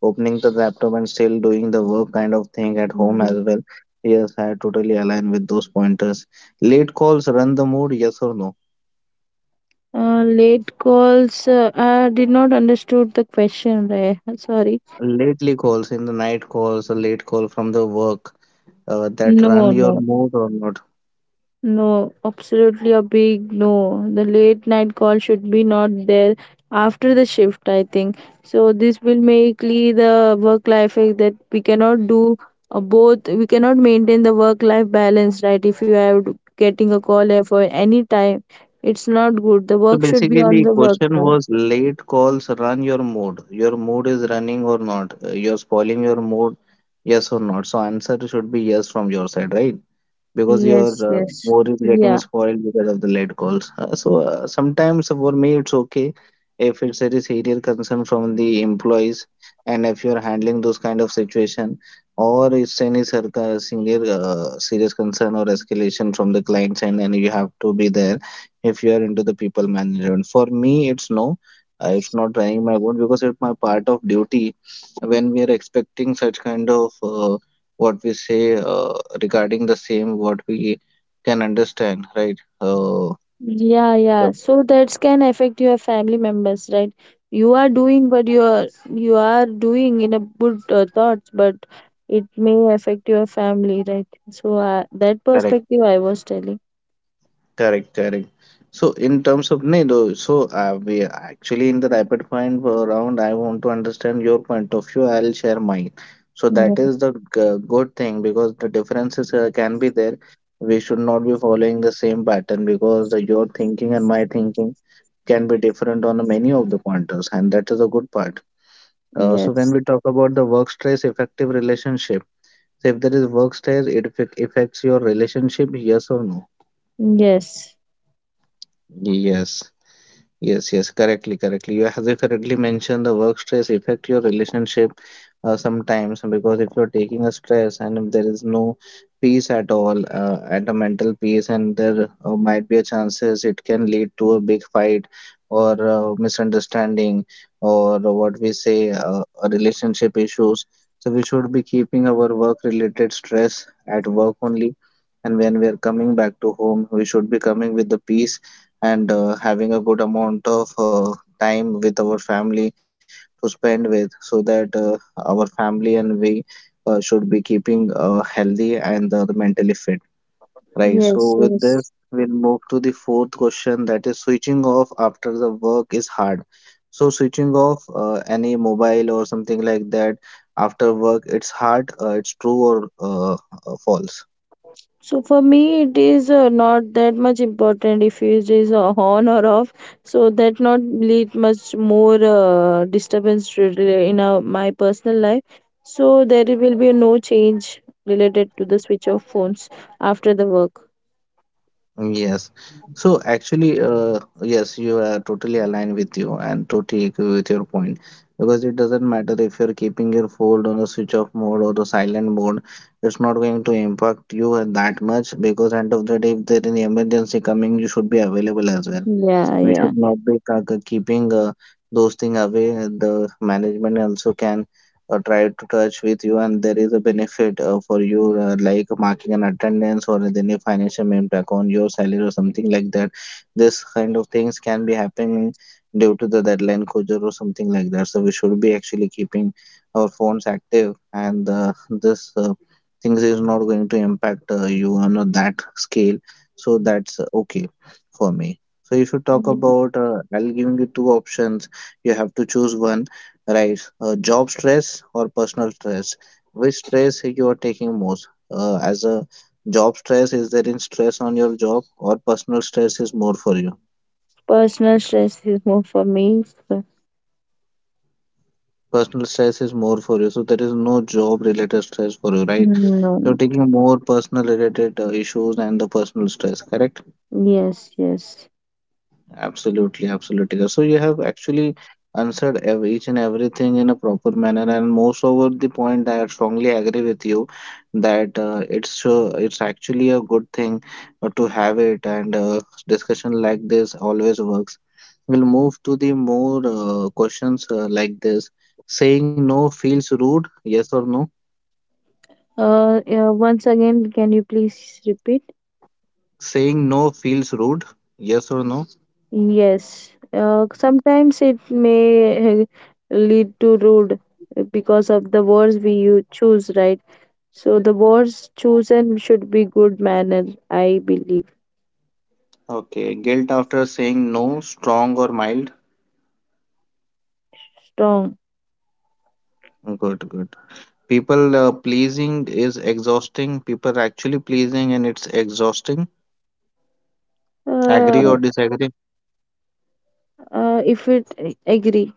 opening the laptop and still doing the work kind of thing at home as Mhm. well. Yes, I totally align with those pointers. Late calls run the mood, yes or no? Uh, late calls, I did not understood the question, right? Sorry. Lately calls in the night calls, a late call from the work, that run No, your no, mood or not. no, absolutely a big no. The late night call should be not there after the shift, I think. So this will make the work life is that we cannot do both. We cannot maintain the work life balance, right? If you are getting a call at for any time, it's not good. The So work should be basically, on the the work question time. was late calls run your mood. Your mood is running or not. You're spoiling your mood, yes or not. So answer should be yes from your side, right? Because your Yes, yes. more is getting Yeah. spoiled because of the late calls. Sometimes for me it's okay if it's a serious concern from the employees and if you're handling those kind of situation, or it's any senior serious concern or escalation from the clients end, and you have to be there if you are into the people management. For me it's no. It's not running my board because it's my part of duty when we are expecting such kind of what we say, regarding the same what we can understand, right? Yeah, Yeah, yeah. So that can affect your family members, right? You are doing what you are, you are doing in a good thoughts, but it may affect your family, right? So that correct perspective I was telling. correct. So in terms of Nido, so we are actually in the rapid point round. I want to understand your point of view, I'll share mine, so that Yeah. is the good thing, because the differences can be there. We should not be following the same pattern because the your thinking and my thinking can be different on many of the pointers, and that is a good part. So when Yes. we talk about the work stress effective relationship, so if there is work stress, it affects your relationship, yes or no? Yes. Yes, yes, yes, correctly, correctly. You have correctly mentioned the work stress affect your relationship sometimes, because if you're taking a stress and if there is no peace at all, at a mental peace, and there might be a chances it can lead to a big fight or misunderstanding or what we say a relationship issues. So we should be keeping our work-related stress at work only, and when we are coming back to home, we should be coming with the peace and having a good amount of time with our family to spend with, so that our family and we should be keeping healthy and the mentally fit. Right. Yes. So with Yes. this, we'll move to the fourth question, that is switching off after the work is hard. So switching off any mobile or something like that after work, it's hard. It's true or false. So for me, it is not that much important if it is on or off. So that not lead much more disturbance to in my personal life. So there will be no change related to the switch of phones after the work. Yes. So actually, yes, you are totally aligned with you and totally agree with your point, because it doesn't matter if you're keeping your phone on a switch off mode or the silent mode, it's not going to impact you and that much, because end of the day, if there is an emergency coming, you should be available as well. Yeah, We yeah. should not be keeping those things away. The management also can try to touch with you, and there is a benefit for you, like marking an attendance or any financial impact on your salary or something like that. This kind of things can be happening due to the deadline closure or something like that. So we should be actually keeping our phones active, and this things is not going to impact you on a that scale. So that's okay for me. So if you talk Mm. about, I'll giving you two options. You have to choose one, right? Job stress or personal stress. Which stress you are taking most? As a job stress, is there in stress on your job or personal stress is more for you? Personal stress is more for me. So Personal stress is more for you, so there is no job related stress for you, right? no. You're taking more personal related issues and the personal stress, correct? Yes, yes. Absolutely, absolutely. Gus. So you have actually answered each and everything in a proper manner, and most over the point, I strongly agree with you that it's actually a good thing to have it, and discussion like this always works. We'll move to the more questions like this. Saying no feels rude, yes or no? Yeah, once again, can you please repeat? Saying no feels rude, yes or no? Yes, sometimes it may lead to rude because of the words we you choose, right? So the words chosen should be good manner, I believe. Okay. Guilt after saying no, strong or mild? Strong. Good, good. People pleasing is exhausting. People are actually pleasing and it's exhausting. Agree Uh, or disagree? If it agree.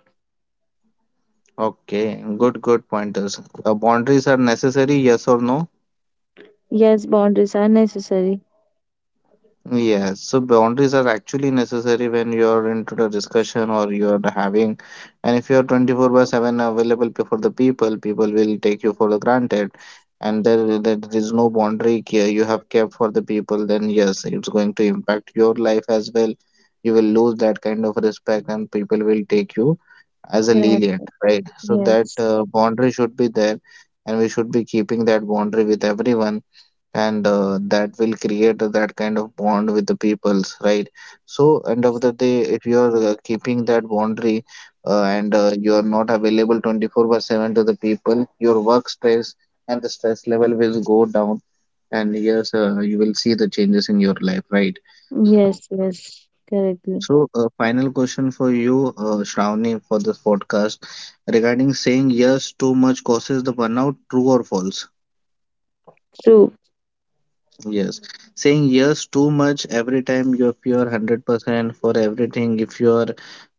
Okay, good, good pointers. Boundaries are necessary, yes or no? Yes, boundaries are necessary. Yes, so boundaries are actually necessary when you're into the discussion or you're having, and if you're 24 by 7 available for the people, people will take you for the granted, and there is no boundary you have kept for the people, then yes, it's going to impact your life as well. You will lose that kind of respect, and people will take you as a Cannot- lenient, right? So that Yes, boundary should be there, and we should be keeping that boundary with everyone, and that will create that kind of bond with the peoples, right? So end of the day, if you are keeping that boundary and you are not available 24 by 7 to the people, your work stress and the stress level will go down, and yes, you will see the changes in your life, right? yes, yes, correctly. So final question for you, Shravani, for this podcast, regarding saying yes too much causes the burnout, true or false? True. Yes, saying yes too much every time, if you're 100% for everything, if you're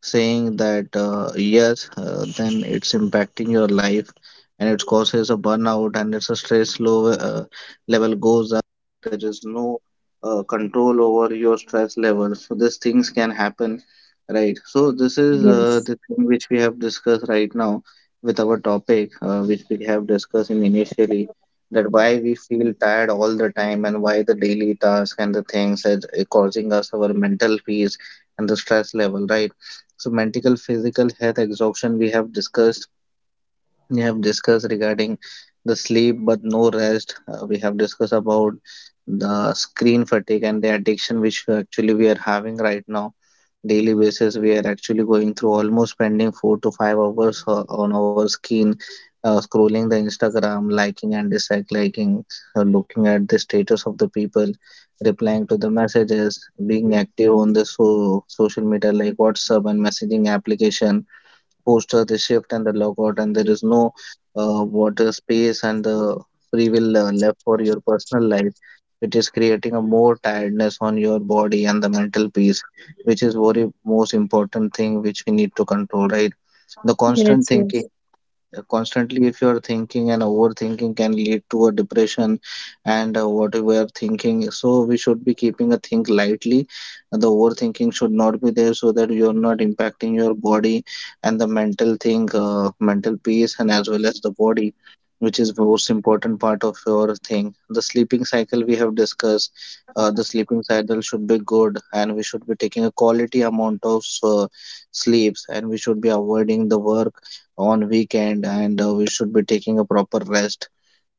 saying that yes, then it's impacting your life and it causes a burnout, and it's a stress low, level goes up. There is no control over your stress level. So these things can happen, right? So this is Yes, the thing which we have discussed right now with our topic, which we have discussed in initially, that why we feel tired all the time and why the daily task and the things is causing us our mental peace and the stress level, right? So mental physical health exhaustion, we have discussed. We have discussed regarding the sleep but no rest. We have discussed about the screen fatigue and the addiction which actually we are having right now. Daily basis, we are actually going through almost spending 4 to 5 hours on our screen, scrolling the instagram, liking and disliking, looking at the status of the people, replying to the messages, being active on the social media like whatsapp and messaging application, poster, the shift, and the logout, and there is no water space and the free will left for your personal life, which is creating a more tiredness on your body and the mental peace, which is very most important thing which we need to control, right? The yes, constant yes. thinking, constantly, if you're thinking and overthinking, can lead to a depression, and what we are thinking. So we should be keeping a think lightly. The overthinking should not be there, so that you're not impacting your body and the mental thing, mental peace, and as well as the body, which is most important part of your thing. The sleeping cycle we have discussed. The sleeping cycle should be good, and we should be taking a quality amount of sleeps, and we should be avoiding the work on weekend, and we should be taking a proper rest.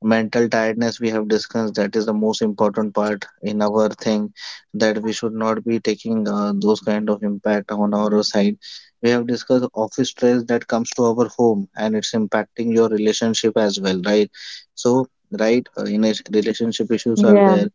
Mental tiredness we have discussed, that is the most important part in our thing, that we should not be taking those kind of impact on our side. We have discussed office stress that comes to our home and it's impacting your relationship as well, right? So, right, in a relationship issues are Yeah. there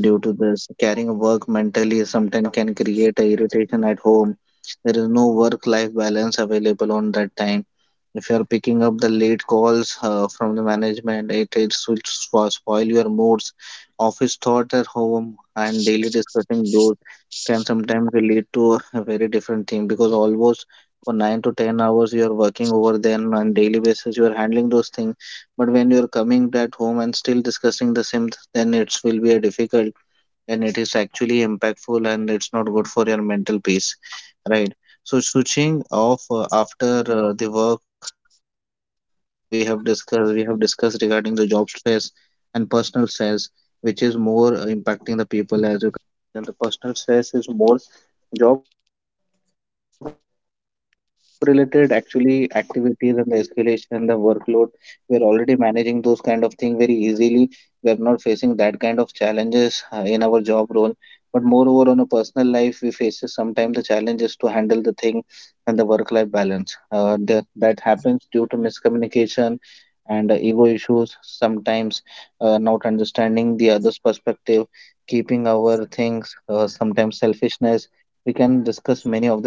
due to this carrying work mentally. Sometimes can create a irritation at home. There is no work life balance available on that time. If you are picking up the late calls from the management, it will spoil your moods. Office thought at home and daily discussing those can sometimes lead to a very different thing, because almost for 9 to 10 hours you are working over, then on daily basis you are handling those things. But when you are coming at home and still discussing the same, then it will be a difficult, and it is actually impactful and it's not good for your mental peace, right? So switching off after the work we have discussed. We have discussed regarding the job stress and personal stress, which is more impacting the people. As you can, the personal stress is more. Job related actually activities and the escalation, the workload, we are already managing those kind of thing very easily. We are not facing that kind of challenges in our job role, but moreover on a personal life we faces sometimes the challenges to handle the thing and the work life balance, that happens due to miscommunication and ego issues. Sometimes not understanding the other's perspective, keeping our things, sometimes selfishness. We can discuss many of the pointers,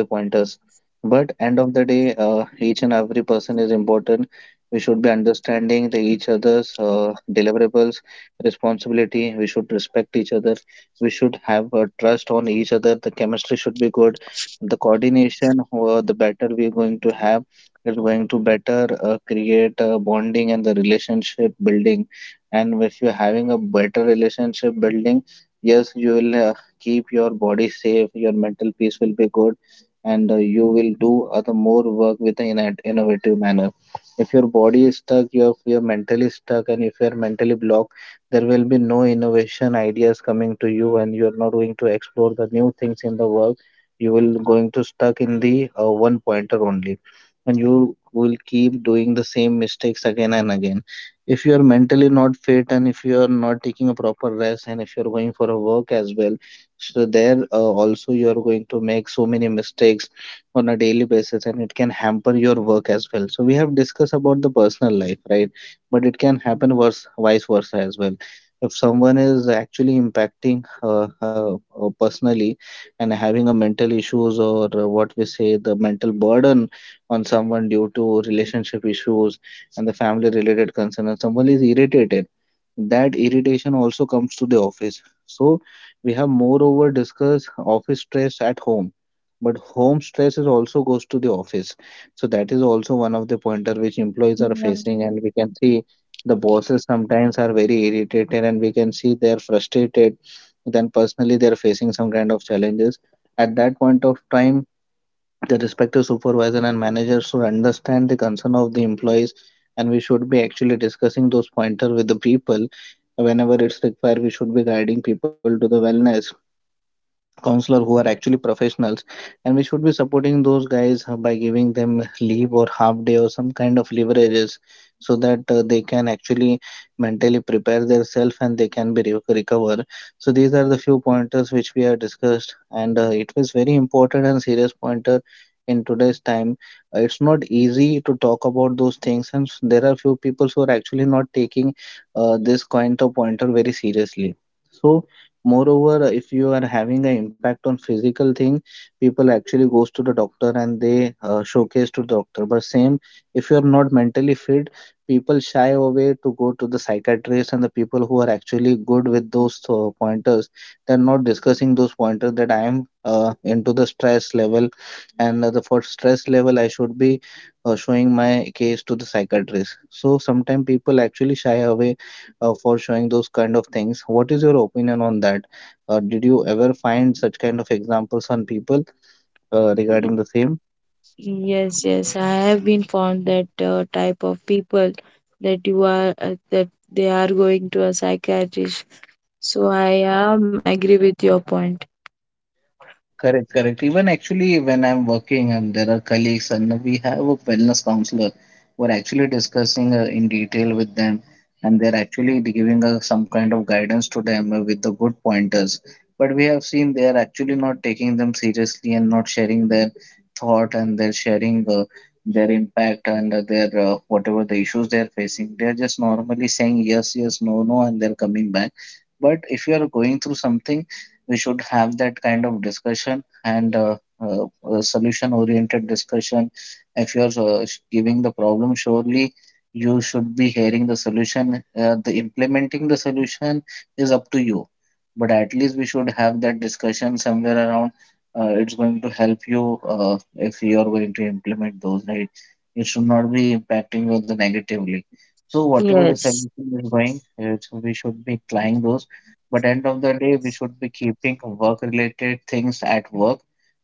but end of the day each and every person is important. We should be understanding the each other's deliverables, responsibility. We should respect each other. We should have trust on each other. The chemistry should be good, the coordination, the better we're going to have is going to better create a bonding and the relationship building. And if you're having a better relationship building, yes you will, keep your body safe, your mental peace will be good, and you will do other more work with an innovative manner. If your body is stuck, you're mentally stuck, and if you're mentally blocked, there will be no innovation ideas coming to you, and you're not going to explore the new things in the work. You will going to stuck in the one pointer only, and you will keep doing the same mistakes again and again. If you are mentally not fit, and if you are not taking a proper rest, and if you're going for a work as well, so there also you are going to make so many mistakes on a daily basis, and it can hamper your work as well. So we have discussed about the personal life, right? But it can happen worse, vice versa as well. If someone is actually impacting personally and having a mental issues, or what we say, the mental burden on someone due to relationship issues and the family related concern, and someone is irritated, that irritation also comes to the office. So we have moreover discussed office stress at home, but home stress is also goes to the office. So that is also one of the pointer which employees are Yeah. facing, and we can see the bosses sometimes are very irritated, and we can see they are frustrated. Then personally they are facing some kind of challenges at that point of time. The respective supervisor and manager should understand the concern of the employees, and we should be actually discussing those pointer with the people. Whenever it's required, we should be guiding people to the wellness counselor who are actually professionals, and we should be supporting those guys by giving them leave or half day or some kind of leverages, so that they can actually mentally prepare themselves, and they can be recover. So these are the few pointers which we have discussed, and it was very important and serious pointer in today's time. It's not easy to talk about those things, and there are few people who are actually not taking this kind of pointer very seriously. So, moreover, if you are having an impact on physical thing, people actually goes to the doctor and they showcase to doctor. But same, if you are not mentally fit, people shy away to go to the psychiatrist. And the people who are actually good with those pointers, they're not discussing those pointers that I am into the stress level, and the for stress level I should be showing my case to the psychiatrist. So sometimes people actually shy away for showing those kind of things. What is your opinion on that? Did you ever find such kind of examples on people regarding the same? Yes, yes, I have been found that type of people that you are that they are going to a psychiatrist. So I am agree with your point. Correct, correct. Even actually, when I'm working and there are colleagues, and we have a wellness counselor, we're actually discussing in detail with them, and they're actually giving us some kind of guidance to them with the good pointers. But we have seen they are actually not taking them seriously and not sharing their thought, and they're sharing their impact and their whatever the issues they're facing. They're just normally saying yes, yes, no, no, and they're coming back. But if you are going through something, we should have that kind of discussion and solution oriented discussion. If you're giving the problem, surely you should be hearing the solution. The implementing the solution is up to you, but at least we should have that discussion somewhere around. It's going to help you if you are going to implement those, right? It should not be impacting you the negatively. So whatever the Yes. solution is going it, we should be applying those. But end of the day, we should be keeping work-related things at work,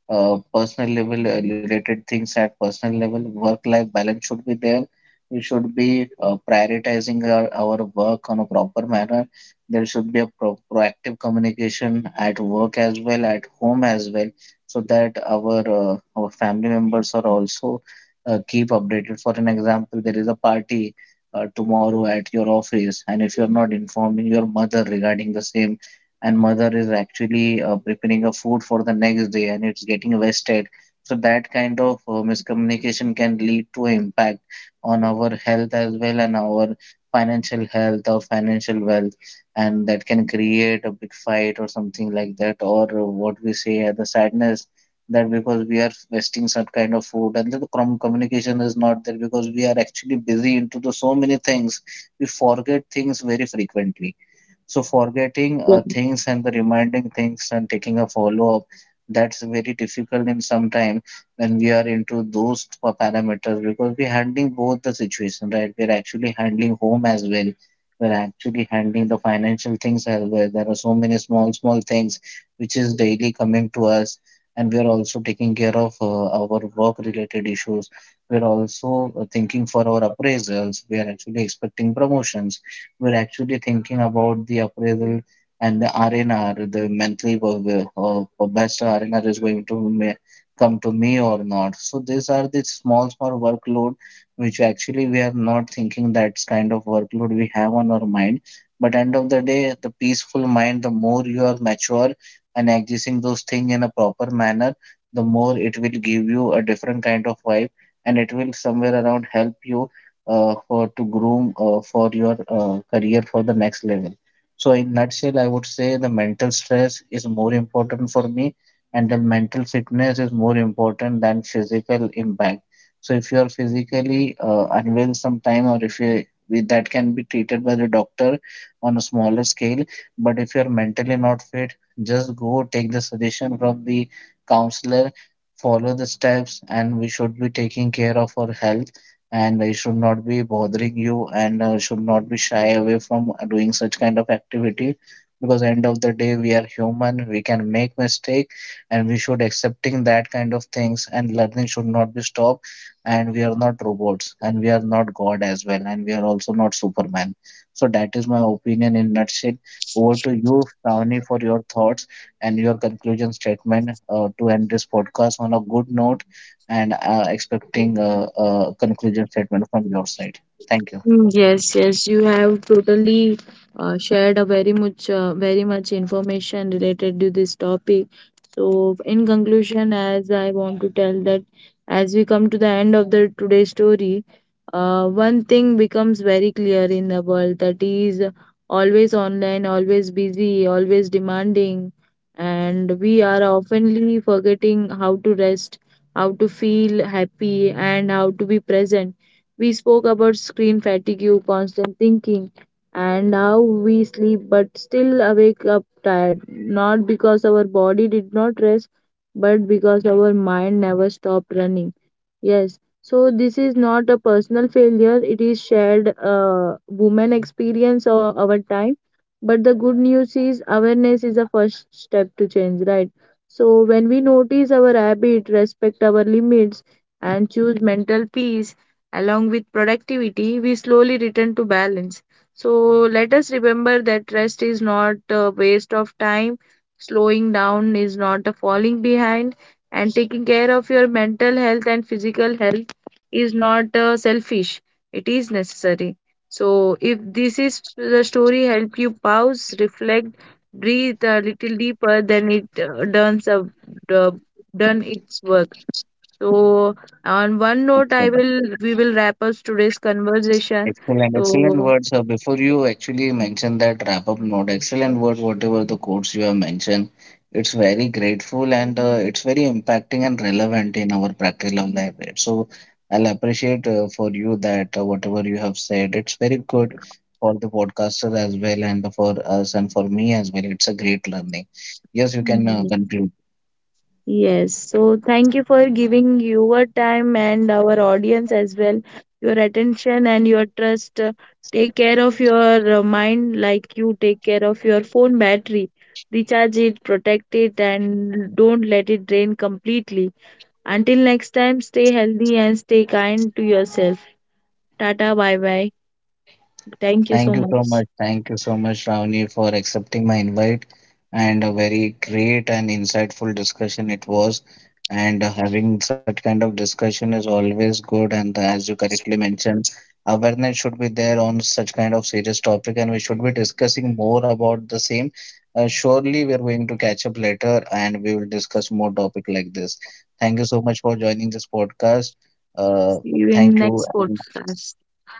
personal level related things at personal level. Work-life balance should be there. We should be prioritizing our work on a proper manner. There should be a proactive communication at work as well, at home as well, so that our family members are also keep updated. For an example, there is a party tomorrow at your office, and if you're not informing your mother regarding the same, and mother is actually preparing a food for the next day, and it's getting wasted. So that kind of miscommunication can lead to impact on our health as well, and our financial health or financial wealth, and that can create a big fight or something like that, or what we say, the sadness, that because we are wasting some kind of food, and the communication is not there because we are actually busy into the so many things. We forget things very frequently. So forgetting Yeah. Things and the reminding things and taking a follow up, that's very difficult in some time when we are into those parameters, because we're handling both the situation, right? We're actually handling home as well. We're actually handling the financial things as well. There are so many small, small things which is daily coming to us, and we're also taking care of our work-related issues. We're also thinking for our appraisals. We are actually expecting promotions. We're actually thinking about the appraisal and the RNR, the monthly per best RNR is going to come to me or not. So these are the small, small workload which actually we are not thinking that's kind of workload we have on our mind. But end of the day, the peaceful mind, the more you are mature and accessing those things in a proper manner, the more it will give you a different kind of vibe, and it will somewhere around help you for to groom for your career for the next level. So in nutshell, I would say the mental stress is more important for me, and the mental fitness is more important than physical impact. So if you are physically unwell sometime, or if you that can be treated by the doctor on a smaller scale. But if you're mentally not fit, just go take the suggestion from the counselor, follow the steps, and we should be taking care of our health, and they should not be bothering you, and should not be shy away from doing such kind of activity. Because end of the day, we are human, we can make mistake, and we should accepting that kind of things, and learning should not be stopped. And we are not robots, and we are not god as well, and we are also not superman. So that is my opinion in nutshell. Over to you, Shravani, for your thoughts and your conclusion statement to end this podcast on a good note, and expecting a conclusion statement from your side. Thank you. Mm, yes, yes, you have totally shared a very much, very much information related to this topic. So in conclusion, as I want to tell that as we come to the end of the today's story, one thing becomes very clear in the world, that is always online, always busy, always demanding, and we are oftenly forgetting how to rest, how to feel happy, and how to be present. We spoke about screen fatigue, constant thinking, and how we sleep but still awake up tired, not because our body did not rest, but because our mind never stopped running. Yes. So this is not a personal failure. It is shared woman experience or our time. But the good news is awareness is the first step to change, right? So when we notice our habit, respect our limits, and choose mental peace along with productivity, we slowly return to balance. So let us remember that rest is not a waste of time. Slowing down is not a falling behind, and taking care of your mental health and physical health is not selfish, it is necessary. So if this is the story, help you pause, reflect, breathe a little deeper, then it uh, done its work. So on one note, I Excellent. will we will wrap up today's conversation. Excellent. Excellent So words. Before you actually mention that wrap up note, excellent word, whatever the quotes you have mentioned, it's very grateful, and it's very impacting and relevant in our practical life. So I'll appreciate for you that whatever you have said, it's very good for the podcaster as well, and for us, and for me as well. It's a great learning. Yes, you can conclude. yes, so thank you for giving your time, and our audience as well, your attention and your trust. Take care of your mind like you take care of your phone battery. Recharge it, protect it, and don't let it drain completely. Until next time, stay healthy and stay kind to yourself. Tata, bye bye. Thank you Thank so you so much. much. Thank you so much, Ravni, for accepting my invite, and a very great and insightful discussion it was. And having such kind of discussion is always good. And as you correctly mentioned, awareness should be there on such kind of serious topic, and we should be discussing more about the same. Surely we are going to catch up later, and we will discuss more topic like this. Thank you so much for joining this podcast. Uh, See you in Thank you, next and podcast.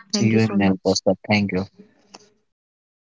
see you Thank you in so next much. podcast. Thank you.